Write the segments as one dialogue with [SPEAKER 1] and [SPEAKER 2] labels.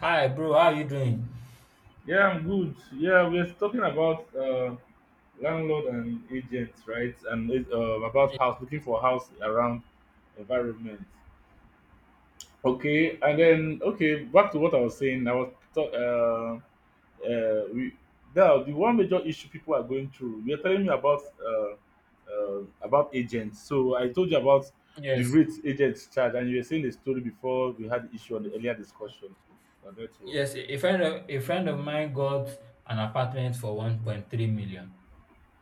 [SPEAKER 1] Hi, bro. How are you doing?
[SPEAKER 2] Yeah, I'm good. Yeah, we're talking about landlord and agents, right? And about house, looking for house around environment. Okay, and then okay, back to what I was saying. We now the one major issue people are going through. You're telling me about agents. So I told you about the
[SPEAKER 1] Yes,
[SPEAKER 2] rates agents charge, and you were saying the story before we had the issue on the earlier discussion on network.
[SPEAKER 1] yes. A friend of a friend of mine got an apartment for 1.3 million,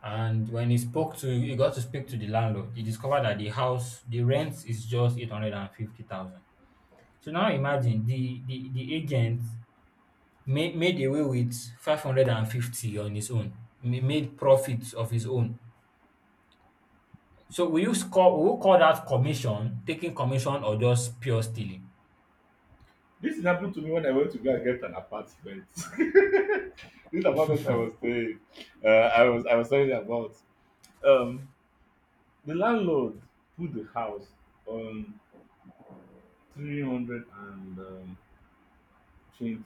[SPEAKER 1] and when he spoke to he got to speak to the landlord. He discovered that the rent is just 850,000. So now imagine the agent made away with 550 on his own, made profits of his own. So? Will you call that commission, taking commission, or just pure stealing?
[SPEAKER 2] This happened to me when I went to go and get an apartment. This apartment I was staying, I was telling you about. Um, the landlord put the house on 300 and 20,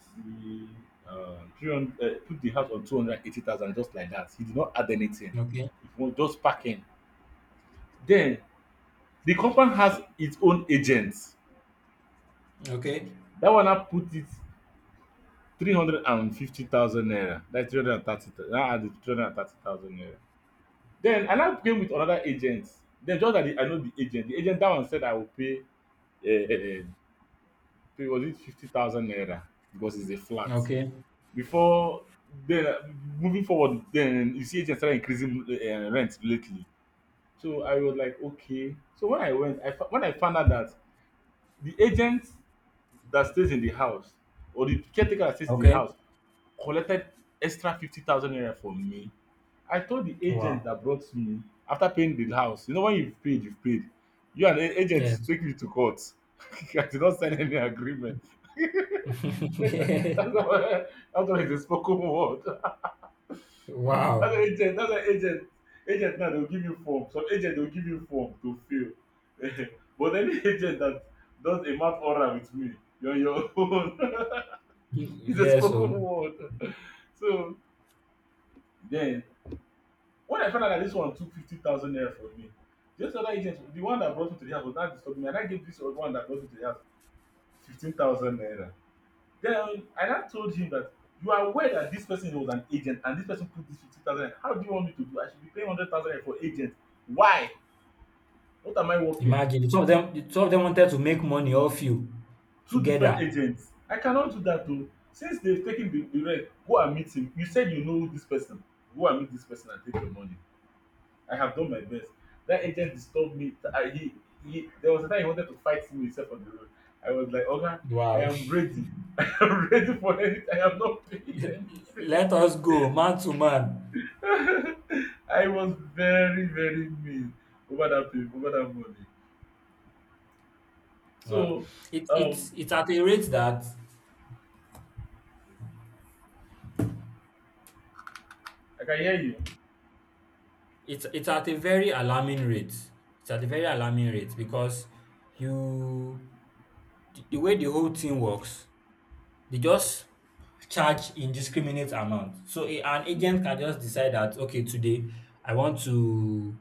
[SPEAKER 2] 300, put the house on 280,000 just like that. He did not add anything.
[SPEAKER 1] Okay.
[SPEAKER 2] It was just packing. Then the company has its own agents.
[SPEAKER 1] Okay.
[SPEAKER 2] That one I put it 350,000 naira. That's 330. Now add the 330,000 naira. Then I now came with another agent. Then just that I know the agent that one said I will uh, pay was it 50,000 naira because it's a flat.
[SPEAKER 1] Okay.
[SPEAKER 2] Before then, moving forward, then you see agents started increasing rent lately. So I was like, okay. So when I went, when I found out that the agent that stays in the house or the caretaker that stays in the
[SPEAKER 1] Okay.
[SPEAKER 2] house collected extra 50,000 naira from me, I told the agent
[SPEAKER 1] Wow.
[SPEAKER 2] that brought me after paying the house, when you've paid, you've paid. You and the agent
[SPEAKER 1] Yes.
[SPEAKER 2] take me to court. I did not sign any agreement. That's why that's why it's a spoken word. That's why
[SPEAKER 1] Wow.
[SPEAKER 2] agent, that's why agent, agent now they'll give you form. Some agent they'll give you form to fill. But any agent that does a mouth aura with me, you're on your own. It's a
[SPEAKER 1] Yes.
[SPEAKER 2] spoken
[SPEAKER 1] So
[SPEAKER 2] word. So then, when I found out that this one took 50,000 naira from me, this other agent, the one that brought me to the house, was not disturbing me. And I gave this other one that brought me to the house 15,000 naira. Then I now told him that you are aware that this person was an agent and this person put this 50,000 naira. How do you want me to do? I should be paying 100,000 naira for agent. Why? What am I working?
[SPEAKER 1] imagine some of them wanted to make money off you
[SPEAKER 2] Two different
[SPEAKER 1] together.
[SPEAKER 2] agents. I cannot do that though. Since they've taken the rent, go and meet him. You said you know this person. Go and meet this person and take your money. I have done my best. That agent disturbed me. There was a time he wanted to fight me himself on the road. I was like, Oga, I
[SPEAKER 1] Wow.
[SPEAKER 2] am ready. I am ready for anything. I am not paying anything.
[SPEAKER 1] Let us go man to man.
[SPEAKER 2] I was very, very mean over that pay, over that money.
[SPEAKER 1] Wow.
[SPEAKER 2] So,
[SPEAKER 1] It
[SPEAKER 2] um,
[SPEAKER 1] it's it's at a rate that
[SPEAKER 2] I can hear you.
[SPEAKER 1] it's at a very alarming rate. It's at a very alarming rate because you the way the whole thing works, they just charge indiscriminate amount. So an agent can just decide that, okay, today I want to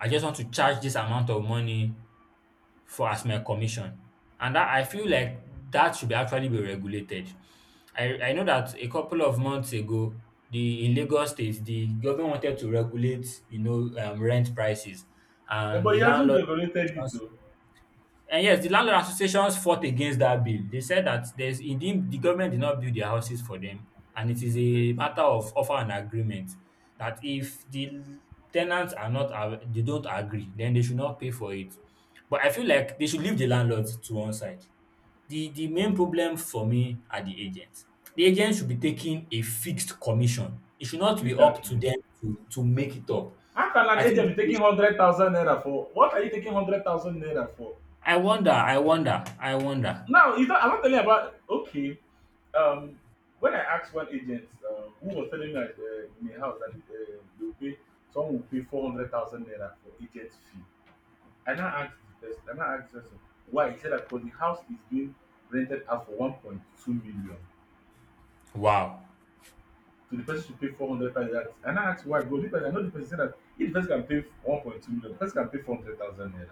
[SPEAKER 1] I just want to charge this amount of money for as my commission. And that I feel like that should be actually be regulated. I know that a couple of months ago, the in Lagos State, the government wanted to regulate, you know, rent prices,
[SPEAKER 2] Yeah,
[SPEAKER 1] and
[SPEAKER 2] but
[SPEAKER 1] the
[SPEAKER 2] he hasn't
[SPEAKER 1] landlord
[SPEAKER 2] regulated it too.
[SPEAKER 1] and yes, the landlord associations fought against that bill. They said that the government did not build their houses for them, and it is a matter of offer and agreement that if the tenants are not av- they don't agree, then they should not pay for it. But I feel like they should leave the landlords to one side. The main problem for me are the agents. The agents should be taking a fixed commission. It should not be up to
[SPEAKER 2] Exactly.
[SPEAKER 1] them to make it up.
[SPEAKER 2] How can
[SPEAKER 1] I
[SPEAKER 2] an
[SPEAKER 1] think
[SPEAKER 2] agent be taking 100,000 naira for? What are you taking 100,000 naira for?
[SPEAKER 1] I wonder.
[SPEAKER 2] No, it's not, I'm not telling you about. Okay, um, when I asked one agent who was telling me at, in the house that they will pay, someone will pay 400,000 naira for agent fee. I now asked the person. I now asked the person why. He said that because the house is being rented out for 1.2 million.
[SPEAKER 1] Wow.
[SPEAKER 2] So the person should pay 400,000. I now asked why. Go. The person, I know the person said that if the person can pay 1.2 million, the person can pay 400,000 naira.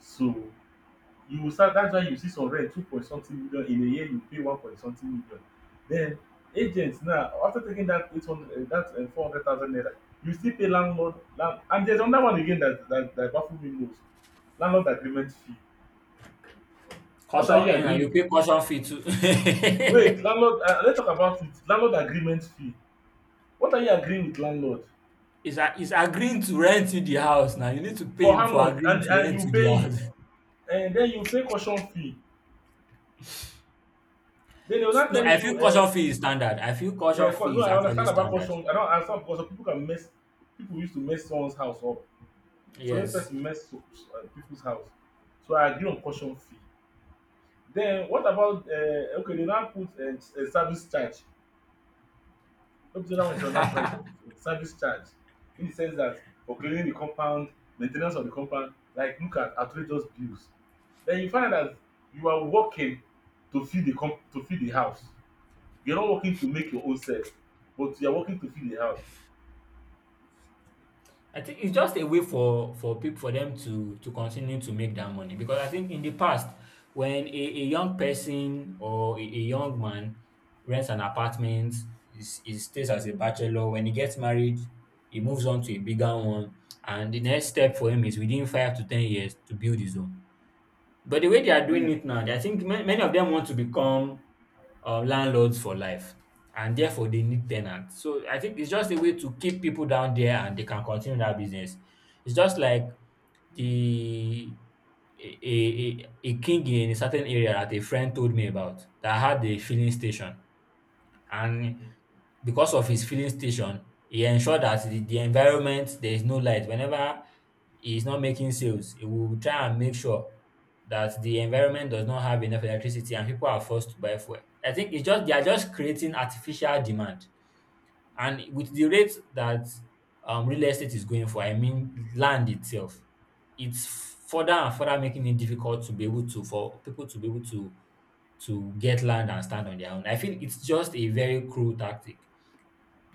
[SPEAKER 2] So you will start. That's why you see some rent two point something million in a year you pay one point something million. Then agent now after taking that 800 that 400,000 naira, you still pay landlord land, and there's another one again that that baffle me most, landlord agreement fee. What are
[SPEAKER 1] Caution
[SPEAKER 2] you
[SPEAKER 1] end and you
[SPEAKER 2] agreeing
[SPEAKER 1] pay caution fee too.
[SPEAKER 2] with? Wait, landlord, let's talk about it. Landlord agreement fee. What are you agreeing with landlord
[SPEAKER 1] He's agreeing to rent you the house now. You need to
[SPEAKER 2] for?
[SPEAKER 1] pay him
[SPEAKER 2] How
[SPEAKER 1] for
[SPEAKER 2] much? and
[SPEAKER 1] agreeing to
[SPEAKER 2] and you
[SPEAKER 1] rent you
[SPEAKER 2] pay
[SPEAKER 1] the house.
[SPEAKER 2] it, then you pay caution fee, then they will now
[SPEAKER 1] No,
[SPEAKER 2] tell
[SPEAKER 1] I feel
[SPEAKER 2] you
[SPEAKER 1] caution
[SPEAKER 2] um
[SPEAKER 1] fee is standard. I feel caution
[SPEAKER 2] Yeah,
[SPEAKER 1] fee
[SPEAKER 2] no,
[SPEAKER 1] is
[SPEAKER 2] I
[SPEAKER 1] actually
[SPEAKER 2] understand about
[SPEAKER 1] standard.
[SPEAKER 2] construction. I don't understand because some people can mess. People used to mess someone's house up. So when
[SPEAKER 1] Yes.
[SPEAKER 2] person mess people's house, so I agree on caution fee. Then what about okay? They now put a service charge. Up to that one is another price of service charge, in the sense that for cleaning the compound, maintenance of the compound, like look at outrageous bills. Then you find out that you are working to feed to feed the house. You're not working to make your own self, but you are working to feed the house.
[SPEAKER 1] I think it's just a way for people for them to continue to make that money, because I think in the past, when a young person or a young man rents an apartment, is he stays as a bachelor. When he gets married, he moves on to a bigger one, and the next step for him is within 5 to 10 years to build his own. But the way they are doing it now, I think many of them want to become landlords for life, and therefore they need tenants. So I think it's just a way to keep people down there, and they can continue that business. It's just like the a a king in a certain area that a friend told me about, that had a filling station, and because of his filling station, he ensured that the environment there is no light. Whenever he is not making sales, he will try and make sure that the environment does not have enough electricity and people are forced to buy fuel. I think it's just they are just creating artificial demand. And with the rate that real estate is going for, I mean land itself, it's further and further making it difficult to be able to to get land and stand on their own. I feel it's just a very cruel tactic.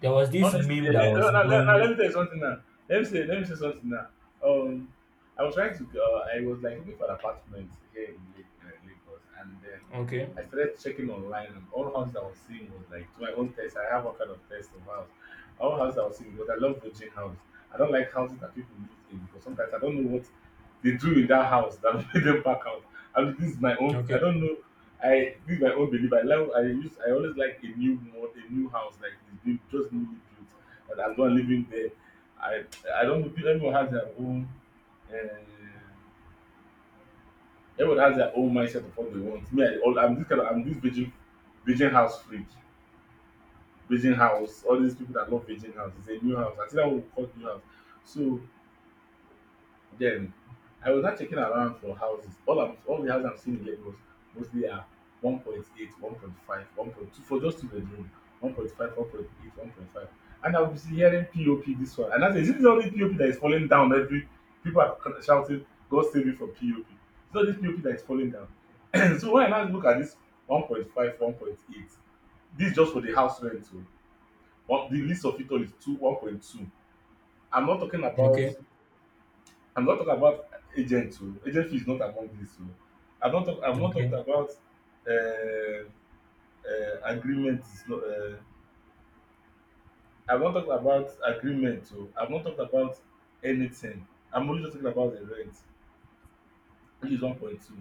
[SPEAKER 1] There was this
[SPEAKER 2] Honestly,
[SPEAKER 1] meme
[SPEAKER 2] eh,
[SPEAKER 1] that
[SPEAKER 2] let, no,
[SPEAKER 1] was
[SPEAKER 2] no, let, no, let me
[SPEAKER 1] going.
[SPEAKER 2] tell you something now. Let me say something now. Um, I was trying to, I was like looking for an apartment here in Lagos, and then
[SPEAKER 1] Okay,
[SPEAKER 2] I started checking online, and all houses I was seeing was like to my own taste. I have one kind of taste of house. All houses I was seeing because I love virgin house. I don't like houses that people live in because sometimes I don't know what they do in that house that made them back out. I mean, this is my own. I
[SPEAKER 1] okay,
[SPEAKER 2] don't know. I this my own belief. I love I use I always like a new mod, a new house like it's been just newly built, and I'm not living there. I I don't know. Everyone has their own. Uh, Everyone has their own mindset of what they want. Me, I, all, I'm this kind of I'm this virgin, virgin house freak, virgin house. All these people that love virgin house, it's a new house. I think that would call new house. So then, I was not checking around for houses. All the houses I'm seeing in Lagos mostly are 1.8, 1.5, for just two bedroom, 1.5, 1.8, 1.5. And I was hearing POP this one. And I said, is it the only POP that is falling down? Every people are shouting, God save me from POP. It's not this POP that is falling down. So when I now look at this 1.5, 1.8, this is just for the house rent. So one, the least of it all is two, 1.2. I'm not talking about
[SPEAKER 1] okay,
[SPEAKER 2] I'm not talking about agent o. Agent fee is not among this. I've not talked
[SPEAKER 1] okay,
[SPEAKER 2] about um agreement is not I've not talked about agreement. I've not talked about anything. I'm only just talking about the rent which is 1.2.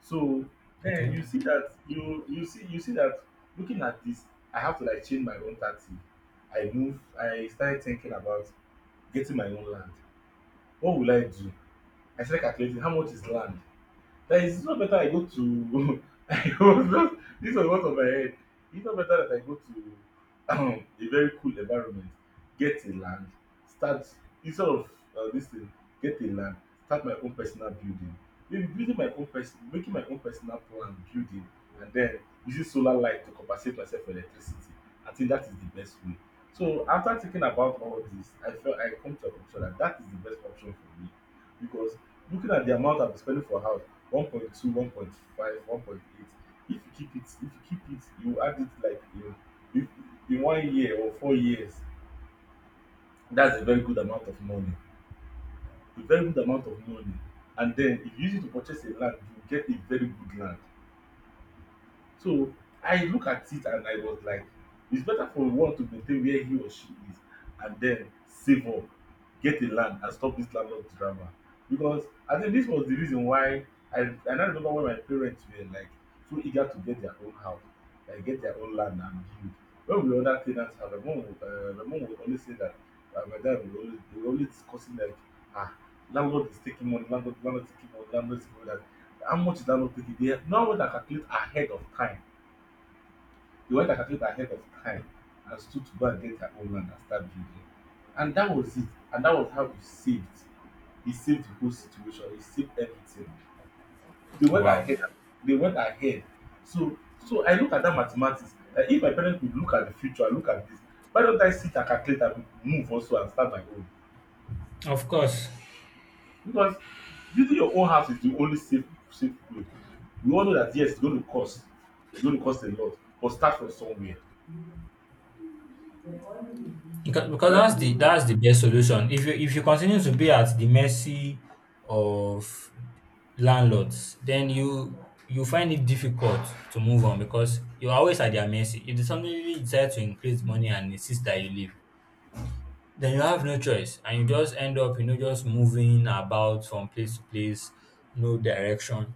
[SPEAKER 2] So then
[SPEAKER 1] okay.
[SPEAKER 2] you see that you see that looking at this I have to like change my own taxi. I move I started thinking about getting my own land. What will I do? I started calculating how much is land? That is it's not better I go to I was just this was what of my head. It's not better that I go to a very cool environment, get a land, start instead of this thing, get a land, start my own personal building. Maybe building my own person making my own personal plan building and then using solar light to compensate myself for electricity. I think that is the best way. So after thinking about all this, I felt I come to a conclusion that that is the best option for me because looking at the amount I'm spending for house 1.2, 1.5, 1.8. If you if you keep it, you add it like in if in one year or 4 years, that's a very good amount of money. A very good amount of money. And then if you use it to purchase a land, you get a very good land. So I look at it and I was like, it's better for one to maintain where he or she is and then save up, get a land and stop this landlord drama. Because I think this was the reason why I, I now remember when my parents were like so eager to get their own house, like get their own land and build. When we were other tenants, my mom, my mom would always say that my dad would always, they were always discussing like, ah, landlord is taking money, landlord is taking money, landlord is taking money. How much is landlord taking? They have no one that calculate ahead of time. They went and calculated ahead of time and stood to go and get their own land and start building. And that was it. And that was how he saved. He saved the whole situation. He saved everything. They went
[SPEAKER 1] Wow.
[SPEAKER 2] ahead. They went ahead. So so I look at that mathematics. Like if my parents could look at the future, look at this, why don't I sit and calculate and move also and start my own?
[SPEAKER 1] Of course.
[SPEAKER 2] Because building your own house is the only safe way. We all know that, yes, it's going to cost. It's going to cost a lot, but start from somewhere.
[SPEAKER 1] Because
[SPEAKER 2] That is.
[SPEAKER 1] that's the best solution. If you continue to be at the mercy of landlords, then you find it difficult to move on, because you're always at their mercy. If they suddenly decide to increase money and insist that you leave, then you have no choice and you just end up, you know, just moving about from place to place, no direction.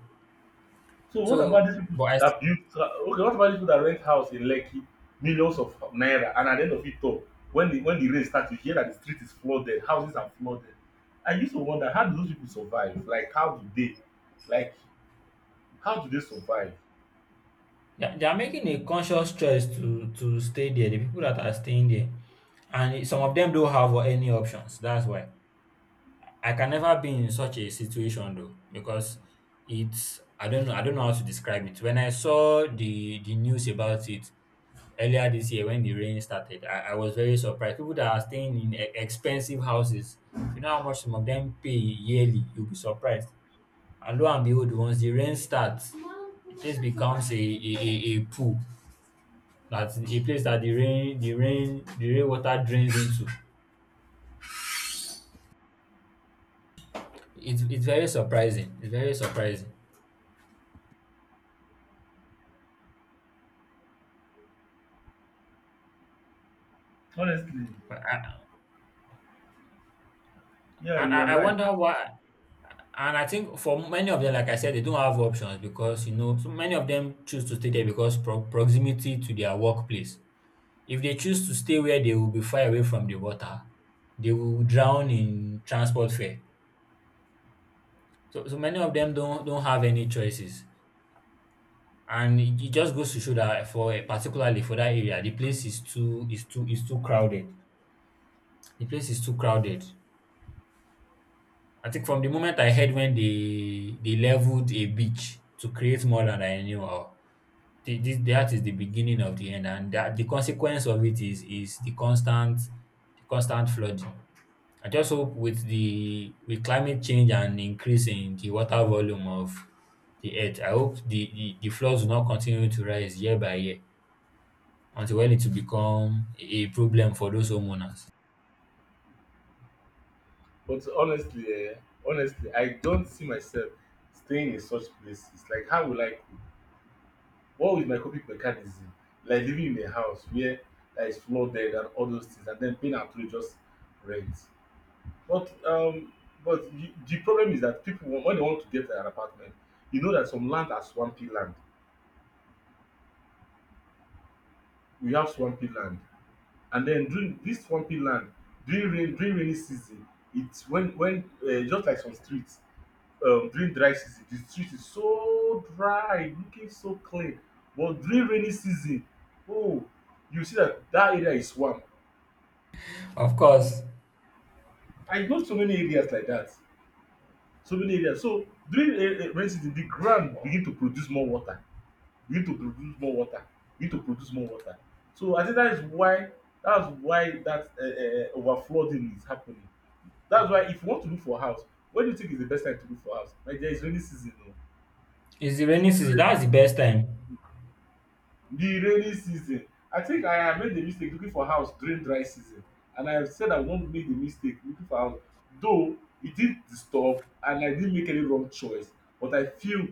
[SPEAKER 2] So what about
[SPEAKER 1] so
[SPEAKER 2] these people
[SPEAKER 1] but i s-
[SPEAKER 2] that build, okay, what about these people that rent house in Lekki, millions of naira, and at the end of it all, when the rain starts, you hear that the street is flooded, houses are flooded. I used to wonder, how do those people survive? Like how do they, like how do they survive?
[SPEAKER 1] they are making a conscious choice to stay there, the people that are staying there, and some of them don't have any options. That's why I can never be in such a situation, though, because it's I don't know, how to describe it. When I saw the news about it earlier this year when the rain started, I was very surprised. People that are staying in expensive houses, you know how much some of them pay yearly. You'll be surprised. And lo and behold, once the rain starts, the place becomes a pool. That's a place that the rain water drains into. It's very surprising. It's very surprising.
[SPEAKER 2] Honestly,
[SPEAKER 1] I,
[SPEAKER 2] yeah, you're
[SPEAKER 1] I
[SPEAKER 2] right.
[SPEAKER 1] wonder why. And I think for many of them, like I said, they don't have options, because you know so many of them choose to stay there because proximity to their workplace. If they choose to stay where they will be far away from the water, they will drown in transport fare. So, so many of them don't have any choices, and it just goes to show that for particularly for that area, the place is too crowded. The place is too crowded. I think from the moment I heard when they leveled a beach to create more land, I knew, oh, that is the beginning of the end, and that the consequence of it is the constant flooding. I just hope with the with climate change and increase in the water volume of the earth, I hope the floods will not continue to rise year by year until when it will become a problem for those homeowners.
[SPEAKER 2] But honestly, eh, honestly, I don't see myself staying in such places. Like how will I. What was my coping mechanism? Like living in a house where, like, that is flooded and all those things, and then paying actually just rent. But um, but the problem is that when they want to get an apartment, you know that some land are swampy land. We have swampy land, and then during this swampy land, during rain during rainy season, it's when just like some streets, during dry season the street is so dry, looking so clean, but during rainy season, oh, you see that that area is swamp.
[SPEAKER 1] Of course,
[SPEAKER 2] I know so many areas like that, so many areas. So during a rainy season the ground begin to produce more water, begin to produce more water, begin to produce more water. So I think that is why, that's why that over flooding is happening. That's why, if you want to look for house, when do you think is the best time to look for house, my dear? Rainy season.
[SPEAKER 1] it's the rainy
[SPEAKER 2] O
[SPEAKER 1] season. That's the best time.
[SPEAKER 2] the rainy season. I think I have made the mistake looking for house during dry season, and I have said I won't make the mistake looking for house, though it did disturb and I didn't make any wrong choice, but I feel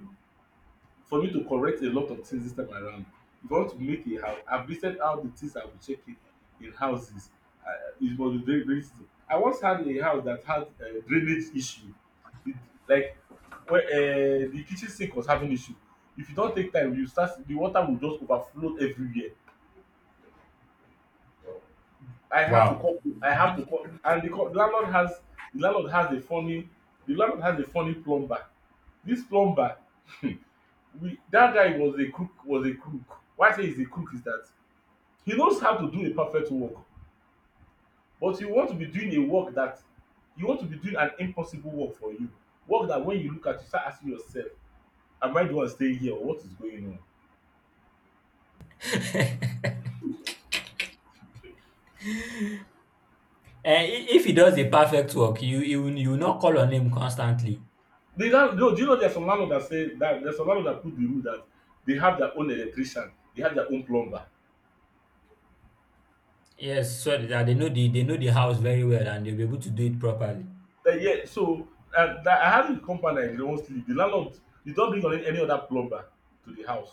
[SPEAKER 2] for me to correct a lot of things this time around. If I want to make a house, I've listed out the things I will check in houses. Uh, it was very, very simple. I once had a house that had a drainage issue. It, like, where the kitchen sink was having issue. If you don't take time, you start the water will just overflow everywhere. I have to
[SPEAKER 1] Wow.
[SPEAKER 2] call. I have to call, and the landlord has, the landlord has a funny, the landlord has a funny plumber. This plumber we, that guy was a crook, was a crook. Why I say he's a crook is that he knows how to do a perfect work, but you want to be doing a work that, you want to be doing an impossible work for you, work that when you look at, you start asking yourself, am I the one staying here or what is going on?
[SPEAKER 1] Eh, if he does a perfect work, you will you will not call on him constantly.
[SPEAKER 2] They now, no, do you know there's some landlord that say that, there's some landlord that put the rule that they have their own electrician, they have their own plumber.
[SPEAKER 1] Yes, so that they know they know the house very well and they'll be able to do it properly.
[SPEAKER 2] Yeah so, that I had a compound I dey once live, the landlord, you don't bring on any other plumber to the house.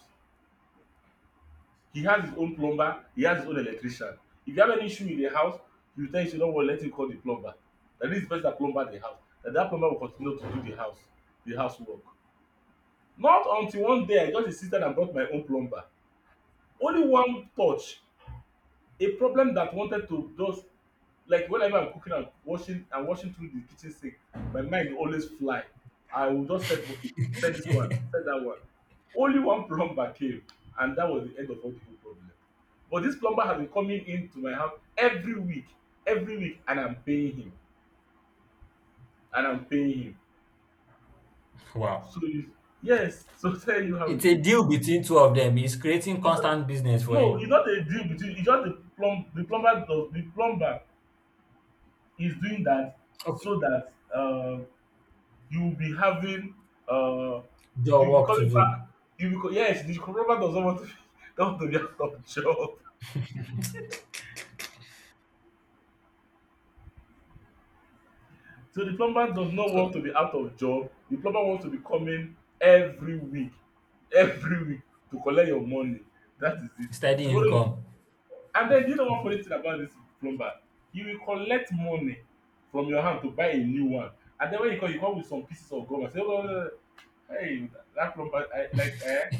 [SPEAKER 2] He has his own plumber, he has his own electrician. If you have any issue in the house, he will tell you, say don't worry, let him call the plumber. Na this person that plumber the house, na that plumber will continue to do the house, the house work. Not until one day I just insisted and brought my own plumber. Only one touch, a problem that wanted to just, like whenever I'm cooking and washing through the kitchen sink, my mind will always fly. I will just set, okay, set this one, set that one. Only one plumber came, and that was the end of all the whole problem. But this plumber has been coming into my house every week, and I'm paying him, and I'm paying him. So
[SPEAKER 1] Wow.
[SPEAKER 2] you, yes, so tell you how
[SPEAKER 1] It's
[SPEAKER 2] it is.
[SPEAKER 1] a deal between two of them. It's creating
[SPEAKER 2] You know,
[SPEAKER 1] constant business for
[SPEAKER 2] no, it's
[SPEAKER 1] him.
[SPEAKER 2] not a deal between. It's just the plumber does, the plumber is doing that
[SPEAKER 1] Okay.
[SPEAKER 2] so that, um, you'll be having, uh,
[SPEAKER 1] Job
[SPEAKER 2] you'll be
[SPEAKER 1] work to
[SPEAKER 2] coming
[SPEAKER 1] do.
[SPEAKER 2] back, yes, the plumber does not want to be not want to be out of job. So the plumber does not want
[SPEAKER 1] So
[SPEAKER 2] to be out of job, the plumber wants to be coming every week, every week, to collect your money. That is it.
[SPEAKER 1] steady
[SPEAKER 2] tomorrow you-
[SPEAKER 1] income.
[SPEAKER 2] and then you know one funny thing about this plumber, he will collect money from your hand to buy a new one, and then when you come, you come with some pieces of gum and say, oh, no, no, no. Hey, that plumber, I, like, eh,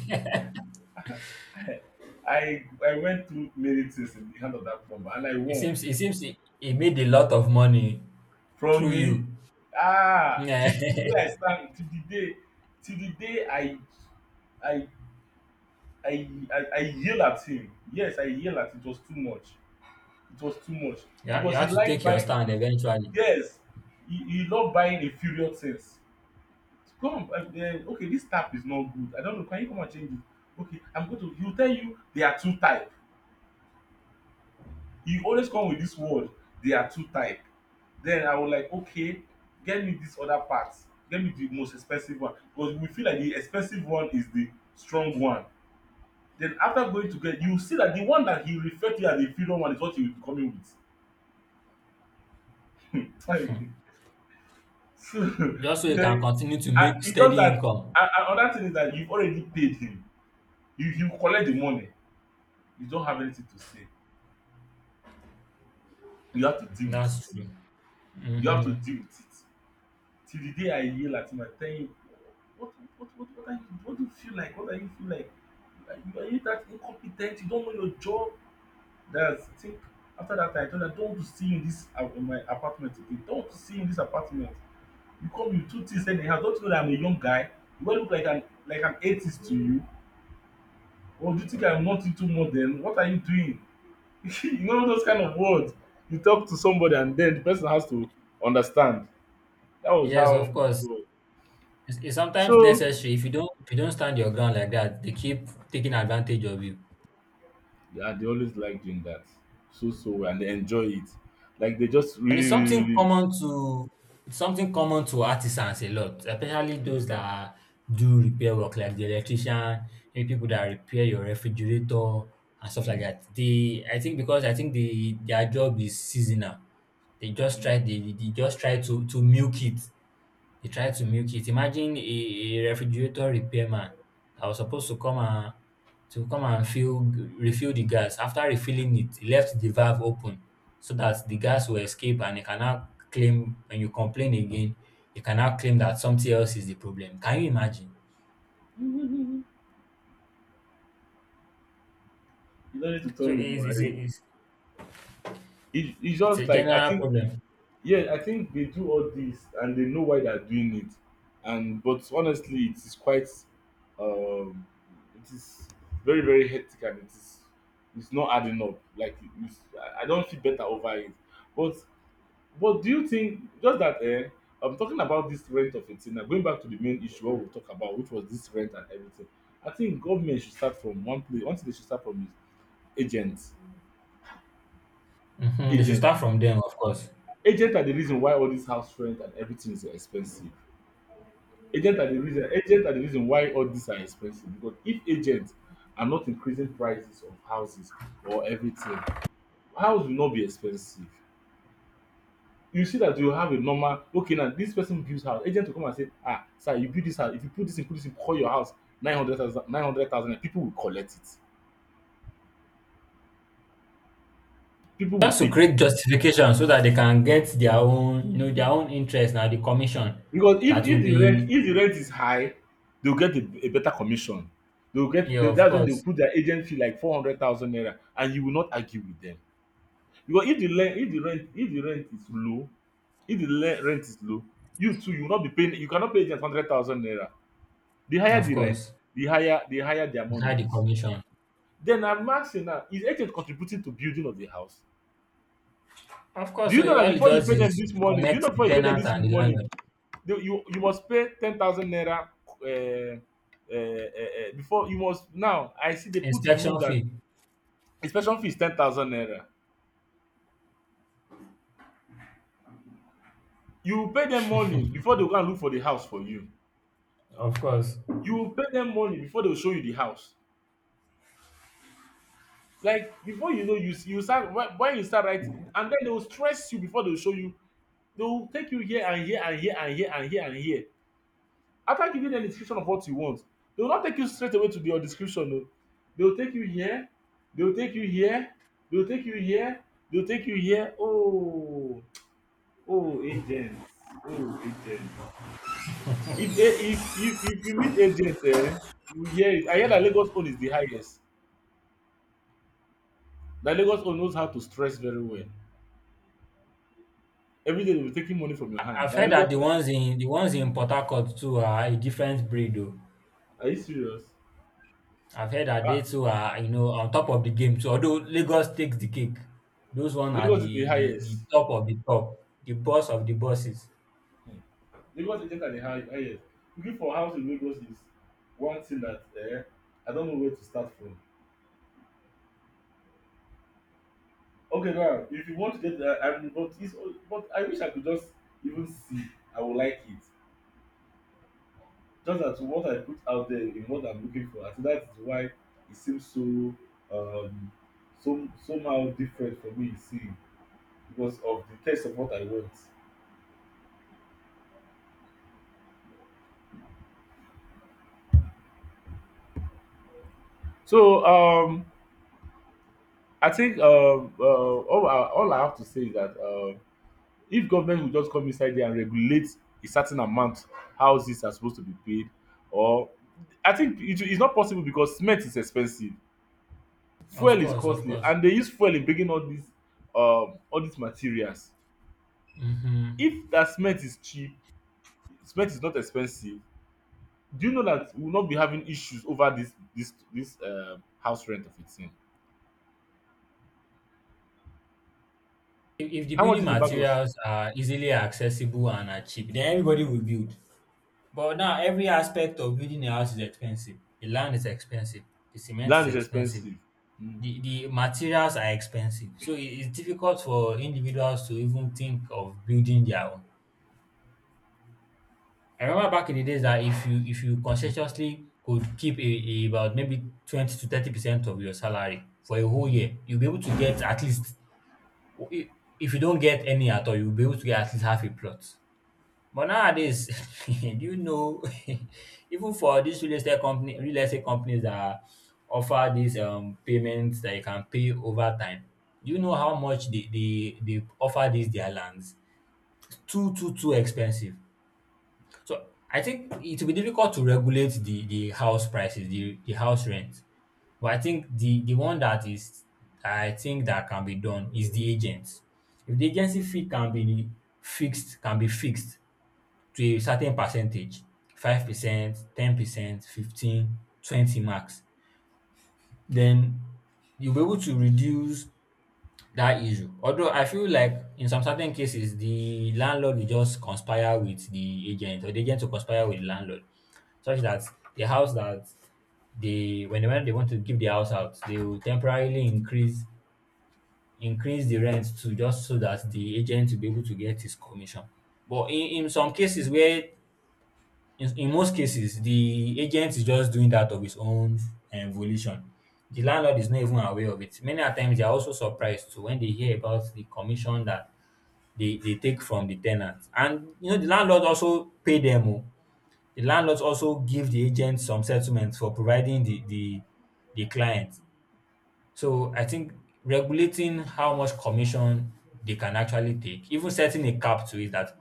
[SPEAKER 2] I went through many things in the hand of that plumber and I
[SPEAKER 1] It
[SPEAKER 2] won
[SPEAKER 1] seems it seems he made a lot of money
[SPEAKER 2] from
[SPEAKER 1] through
[SPEAKER 2] me.
[SPEAKER 1] you.
[SPEAKER 2] Ah, till the day I stand, till the day, till the day I I yell at him, yes, I yell at him, it was too much, it was too much.
[SPEAKER 1] Yeah. You
[SPEAKER 2] Because he
[SPEAKER 1] have to
[SPEAKER 2] like
[SPEAKER 1] take your
[SPEAKER 2] buying,
[SPEAKER 1] stand eventually.
[SPEAKER 2] yes, he love buying inferior things. Come, okay, this tap is not good, I don't know, can you come and change it? Okay, I'm going to, he will tell you there are two type, you always come with this word, they are too tight. Then I was like, okay, get me this other part, get me the most expensive one, because we feel like the expensive one is the strong one. Then after going to get, you see that the one that he referred to as the inferior one is what he will be coming with. So,
[SPEAKER 1] Just so you can
[SPEAKER 2] like,
[SPEAKER 1] continue to
[SPEAKER 2] I,
[SPEAKER 1] make
[SPEAKER 2] it's just
[SPEAKER 1] steady
[SPEAKER 2] that,
[SPEAKER 1] income.
[SPEAKER 2] and another thing is that you've already paid him, you collect the money, you don't have anything to say, you have to deal with
[SPEAKER 1] That's
[SPEAKER 2] it.
[SPEAKER 1] true.
[SPEAKER 2] You have
[SPEAKER 1] Hmm.
[SPEAKER 2] to deal with it till the day I yell at him and tell him, what, what are you, what do you feel like? What are you feel like? Like, are you that incompetent? You don't know your job? That's, I think, after that I told her, don't want to see you in this, in my apartment again. Don't want to see you in this apartment. You come with two things anyhow. Don't you know that I'm a young guy? You, I look like an, like an atheist to you? Or do you think I'm not into modern? What are you doing? You know those kind of words. You talk to somebody and then the person has to understand. That was
[SPEAKER 1] Yes,
[SPEAKER 2] how
[SPEAKER 1] of
[SPEAKER 2] it
[SPEAKER 1] course.
[SPEAKER 2] was.
[SPEAKER 1] It's sometimes
[SPEAKER 2] So
[SPEAKER 1] necessary. If you don't stand your ground like that, they keep taking advantage of you.
[SPEAKER 2] yeah, they always like doing that, so so well, and they enjoy it. Like they just
[SPEAKER 1] And
[SPEAKER 2] really, really, really.
[SPEAKER 1] it's something common to artisans a lot, especially those that are, do repair work, like the electrician, maybe people that repair your refrigerator and stuff like
[SPEAKER 2] Mm,
[SPEAKER 1] that. They I think because I think they their job is seasonal. They just
[SPEAKER 2] mm.
[SPEAKER 1] try, they just try to milk it. They tried to milk it. Imagine a refrigerator repairman that was supposed to come and fill refill the gas. After refilling it, he left the valve open so that the gas will escape and he cannot claim when you complain again, you cannot claim that something else is the problem. Can you imagine?
[SPEAKER 2] You don't need to tell
[SPEAKER 1] So
[SPEAKER 2] me more. I, it, it's
[SPEAKER 1] it's
[SPEAKER 2] just
[SPEAKER 1] a
[SPEAKER 2] like I
[SPEAKER 1] general
[SPEAKER 2] think,
[SPEAKER 1] problem.
[SPEAKER 2] yeah, I think they do all this and they know why they're doing it, and but honestly it is quite, um, it is very, very hectic, and it is, it's not adding up. Like it's, I don't feel better over it, but. But do you think just that, eh, I'm talking about this rent of a thing now, going back to the main issue what we talk about, which was this rent and everything. I think government should start from one place. One thing they should start from is agents.
[SPEAKER 1] Hmm. They should start
[SPEAKER 2] Agents.
[SPEAKER 1] from them, of course.
[SPEAKER 2] Agents are the reason why all this house rent and everything is so expensive. Agents are the reason, agents are the reason why all these are expensive. Because if agents are not increasing prices of houses or everything, house will not be expensive. You see that you have a normal, okay, now this person builds house, agent will come and say, ah sir, you build this house, if you put this in, put this in, call your house nine hundred thousand. Nine hundred thousand, people will collect it, people will
[SPEAKER 1] Just to
[SPEAKER 2] take it.
[SPEAKER 1] create justification so that they can get their own, you know, their own interest, now the commission
[SPEAKER 2] Because if
[SPEAKER 1] that
[SPEAKER 2] if
[SPEAKER 1] will be,
[SPEAKER 2] the rent is high, they will get a better commission. They will get,
[SPEAKER 1] yeah, of
[SPEAKER 2] that's when they will
[SPEAKER 1] course.
[SPEAKER 2] put their agent fee like 400,000 naira, and you will not argue with them. Because if the rent is low, if the rent is low, you too, you will not be paying, you cannot pay agent 100,000 naira. The higher
[SPEAKER 1] Of
[SPEAKER 2] the rent,
[SPEAKER 1] course,
[SPEAKER 2] the higher their money
[SPEAKER 1] inside the
[SPEAKER 2] is.
[SPEAKER 1] commission.
[SPEAKER 2] Then I'm asking now, is agent contributing to building of the house?
[SPEAKER 1] Of
[SPEAKER 2] Do
[SPEAKER 1] course,
[SPEAKER 2] you know
[SPEAKER 1] so
[SPEAKER 2] that
[SPEAKER 1] all it
[SPEAKER 2] before you
[SPEAKER 1] does
[SPEAKER 2] pay them
[SPEAKER 1] is
[SPEAKER 2] this morning, do you know
[SPEAKER 1] connect the
[SPEAKER 2] before you pay them
[SPEAKER 1] tenant
[SPEAKER 2] this
[SPEAKER 1] and the
[SPEAKER 2] morning,
[SPEAKER 1] landlord.
[SPEAKER 2] you must pay 10,000 naira uh, before you must. Now I see they put rule
[SPEAKER 1] Inspection
[SPEAKER 2] that
[SPEAKER 1] fee.
[SPEAKER 2] inspection fee is 10,000 naira. You will pay them money before they go and look for the house for you.
[SPEAKER 1] Of course.
[SPEAKER 2] You will pay them money before they will show you the house. Like, before you know, you start when you start writing, and then they will stress you before they will show you. They will take you here and here and here and here and here and here. After giving them a description of what you want, they will not take you straight away to your description. No. They will take you here, they will take you here, they will take you here, they will take you here. Oh, oh agents, oh agents. If if you meet agents, you will hear it. I hear that Lagos own is the highest. That Lagos own knows how to stress very well. Every day they will be taking money from your hand.
[SPEAKER 1] I've
[SPEAKER 2] That
[SPEAKER 1] heard that
[SPEAKER 2] Lagos own,
[SPEAKER 1] the ones in Port Harcourt too are a different breed, though.
[SPEAKER 2] are you serious?
[SPEAKER 1] I've heard that they
[SPEAKER 2] Ah,
[SPEAKER 1] too are, you know, on top of the game too. Although Lagos takes the cake. Those one are
[SPEAKER 2] Lagos is the
[SPEAKER 1] the
[SPEAKER 2] highest.
[SPEAKER 1] top of the top, the boss of the bosses.
[SPEAKER 2] Lagos agent are the highest. Looking for house in Lagos is one thing that, I don't know where to start from. Okay, now if you want to get that, I mean, but it's, but I wish I could just even see. I would like it. Just that what I put out there in what I'm looking for, I think that is why it seems so um so somehow different for me seeing, because of the taste of what I want. So, I think, all I have to say is that, if government will just come inside there and regulate a certain amount houses are supposed to be paid, or, I think it is not possible because cement is expensive,
[SPEAKER 1] Of
[SPEAKER 2] fuel is
[SPEAKER 1] course, of
[SPEAKER 2] costly
[SPEAKER 1] course.
[SPEAKER 2] and they use fuel in bringing all these, all these materials.
[SPEAKER 1] Hmm.
[SPEAKER 2] If that cement is cheap, cement is not expensive, do you know that we will not be having issues over this house rent of a thing?
[SPEAKER 1] If the
[SPEAKER 2] How much
[SPEAKER 1] building
[SPEAKER 2] is the bag of
[SPEAKER 1] materials are easily accessible and are cheap, then everybody will build. But now every aspect of building a house is expensive. The land is expensive. The cement is
[SPEAKER 2] land is
[SPEAKER 1] expensive.
[SPEAKER 2] expensive. Mm.
[SPEAKER 1] The materials are expensive. So it's difficult for individuals to even think of building their own. I remember back in the days that if you conscientiously could keep a, about maybe 20 to 30% of your salary for a whole
[SPEAKER 2] Mm.
[SPEAKER 1] year, you'll be able to get at least, if you don't get any at all, you'll be able to get at least half a plot. But nowadays, do you know, even for these real estate companies that offer these payments that you can pay over time, do you know how much they they offer these their lands? Too expensive. So I think it will be difficult to regulate the house prices, the house rent. But I think the one that is I think that can be done is the agents. If the agency fee can be fixed, to a certain percentage, 5%, 10%, 15, twenty 20 max, then you'll be able to reduce that issue. Although I feel like in some certain cases, the landlord will just conspire with the agent, or the agent will conspire with the landlord, such that the house that when they want to give the house out, they will temporarily increase the rent, to just so that the agent will be able to get his commission. But in some cases where in most cases the agent is just doing that of his own volition. The landlord is not even aware of it. Many a times they are also surprised too when they hear about the commission that they take from the tenants. And you know, the landlord also pay them o, the landlords also give the agent some settlement for providing the the client. So I think regulating how much commission they can actually take, even setting a cap to it, that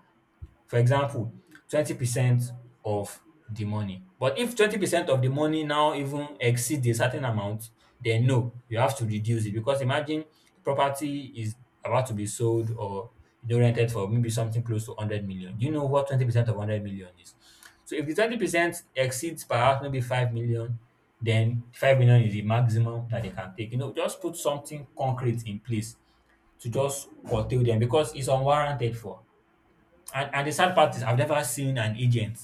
[SPEAKER 1] for example, 20% of the money. But if 20% of the money now even exceeds a certain amount, then no, you have to reduce it, because imagine property is about to be sold or you know rented for maybe something close to 100 million. Do you know what 20% of 100 million is? So if the 20% exceeds perhaps maybe 5 million, then 5 million is the maximum that they can take. You know, just put something concrete in place to just curtail them, because it's unwarranted for. And the sad part is I've never seen an agent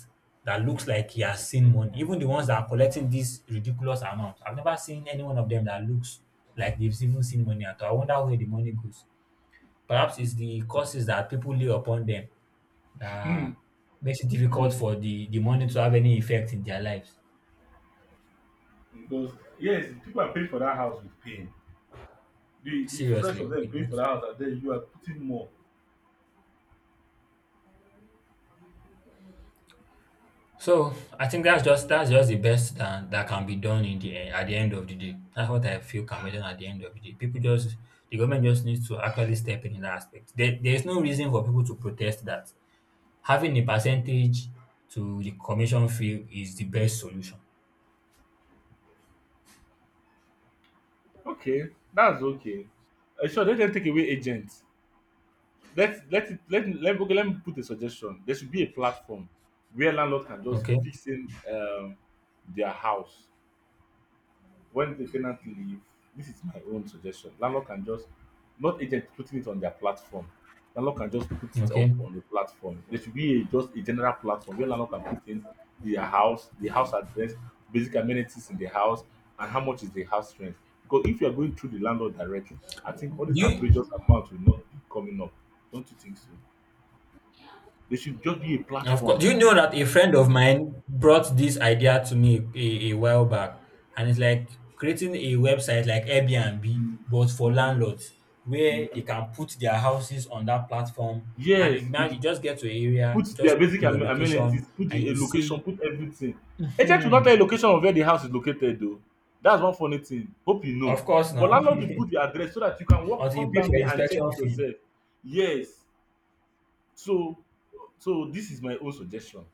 [SPEAKER 1] that looks like he has seen money. Even the ones that are collecting this ridiculous amount, I've never seen any one of them that looks like they've even seen money at all. I wonder where the money goes. Perhaps it's the curses that people lay upon them that makes it difficult for the money to have any effect in their lives.
[SPEAKER 2] Because, yes, people are paying for that house with pain. The stress of
[SPEAKER 1] Seriously.
[SPEAKER 2] them paying for the house, and then you are putting more.
[SPEAKER 1] So I think that's just the best that, that can be done in the end, at the end of the day. That's what I feel can be done at the end of the day. People just, the government just needs to actually step in that aspect. There is no reason for people to protest that having a percentage to the commission fee is the best solution.
[SPEAKER 2] Okay, that's okay. Sure, let them take away agents. Let let it let let, okay, let me put a suggestion. There should be a platform where landlord can just
[SPEAKER 1] Okay,
[SPEAKER 2] fix in, their house. When the tenant leave, this is my own suggestion. Landlord can just, not agent putting it on their platform, landlord can just put it up
[SPEAKER 1] okay.
[SPEAKER 2] on the platform. There should be a, just a general platform where landlord can put in their house, the house address, basic amenities in the house, and how much is the house rent. Because if you are going through the landlord directly, I think all these outrageous
[SPEAKER 1] You,
[SPEAKER 2] amounts will not be coming up. Don't you think so? There should just be a
[SPEAKER 1] of
[SPEAKER 2] platform.
[SPEAKER 1] course, do you know that a friend of mine brought this idea to me a while back, and it's like creating a website like Airbnb,
[SPEAKER 2] Mhm.
[SPEAKER 1] but for landlords, where they
[SPEAKER 2] Mhm.
[SPEAKER 1] can put their houses on that platform, and
[SPEAKER 2] Yes,
[SPEAKER 1] you now
[SPEAKER 2] with
[SPEAKER 1] you just get to an
[SPEAKER 2] put
[SPEAKER 1] area, just
[SPEAKER 2] their
[SPEAKER 1] put
[SPEAKER 2] basic
[SPEAKER 1] in your
[SPEAKER 2] amenities,
[SPEAKER 1] location,
[SPEAKER 2] put
[SPEAKER 1] and
[SPEAKER 2] the a
[SPEAKER 1] you
[SPEAKER 2] location,
[SPEAKER 1] see,
[SPEAKER 2] put everything. Agent will not tell you
[SPEAKER 1] hmm,
[SPEAKER 2] location of where the house is located o. That's one funny thing. Hope you know.
[SPEAKER 1] of course
[SPEAKER 2] But
[SPEAKER 1] now,
[SPEAKER 2] landlord will put the address so that you can walk
[SPEAKER 1] until you
[SPEAKER 2] come
[SPEAKER 1] pay
[SPEAKER 2] down
[SPEAKER 1] for
[SPEAKER 2] there and check
[SPEAKER 1] inspection
[SPEAKER 2] it
[SPEAKER 1] fee.
[SPEAKER 2] yourself. Yes. So, so this is my own suggestion.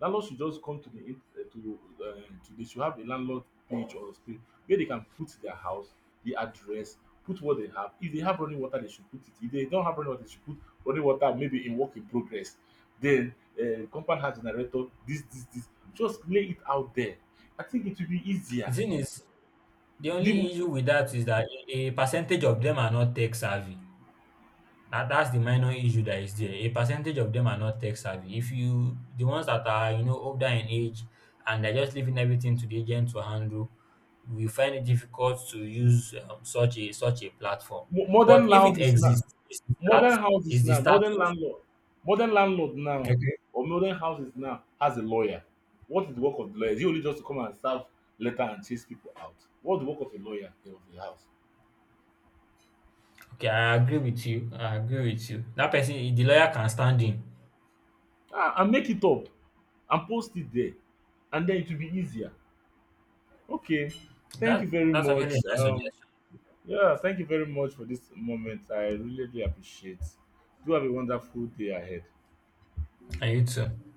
[SPEAKER 2] Landlord should just come to the in to they should have a landlord page or screen where they can put their house, the address, put what they have. If they have running water, they should put it. If they don't have running water, they should put running water maybe in work in progress. Then, compound house generator, this. Just lay it out there. I think it will be
[SPEAKER 1] The
[SPEAKER 2] easier.
[SPEAKER 1] thing is, the
[SPEAKER 2] The
[SPEAKER 1] only
[SPEAKER 2] mo
[SPEAKER 1] issue with that is that a percentage of them are not tech savvy. That's the minor issue that is there. A percentage of them are not tech savvy. If you, the ones that are you know older in age and they're just leaving everything to the agent to handle, we find it difficult to use such a such a platform. But
[SPEAKER 2] Modern
[SPEAKER 1] if it
[SPEAKER 2] houses now,
[SPEAKER 1] exists, it's the start. It's the start
[SPEAKER 2] Modern
[SPEAKER 1] of,
[SPEAKER 2] landlord, modern landlord now,
[SPEAKER 1] okay.
[SPEAKER 2] or modern houses now has a lawyer. What is the work of the lawyer? Is he only just to come and serve letter and chase people out? What's the work of a lawyer of a house?
[SPEAKER 1] Okay, I agree with you. I agree with you. That person, the lawyer can stand in.
[SPEAKER 2] Ah, and make it up and post it there, and then it will be easier. Okay, thank
[SPEAKER 1] That
[SPEAKER 2] you very
[SPEAKER 1] that's actually a
[SPEAKER 2] much.
[SPEAKER 1] nice suggestion.
[SPEAKER 2] Yeah, thank you very much for this moment. I really, really appreciate. Do have a wonderful day ahead.
[SPEAKER 1] And you too.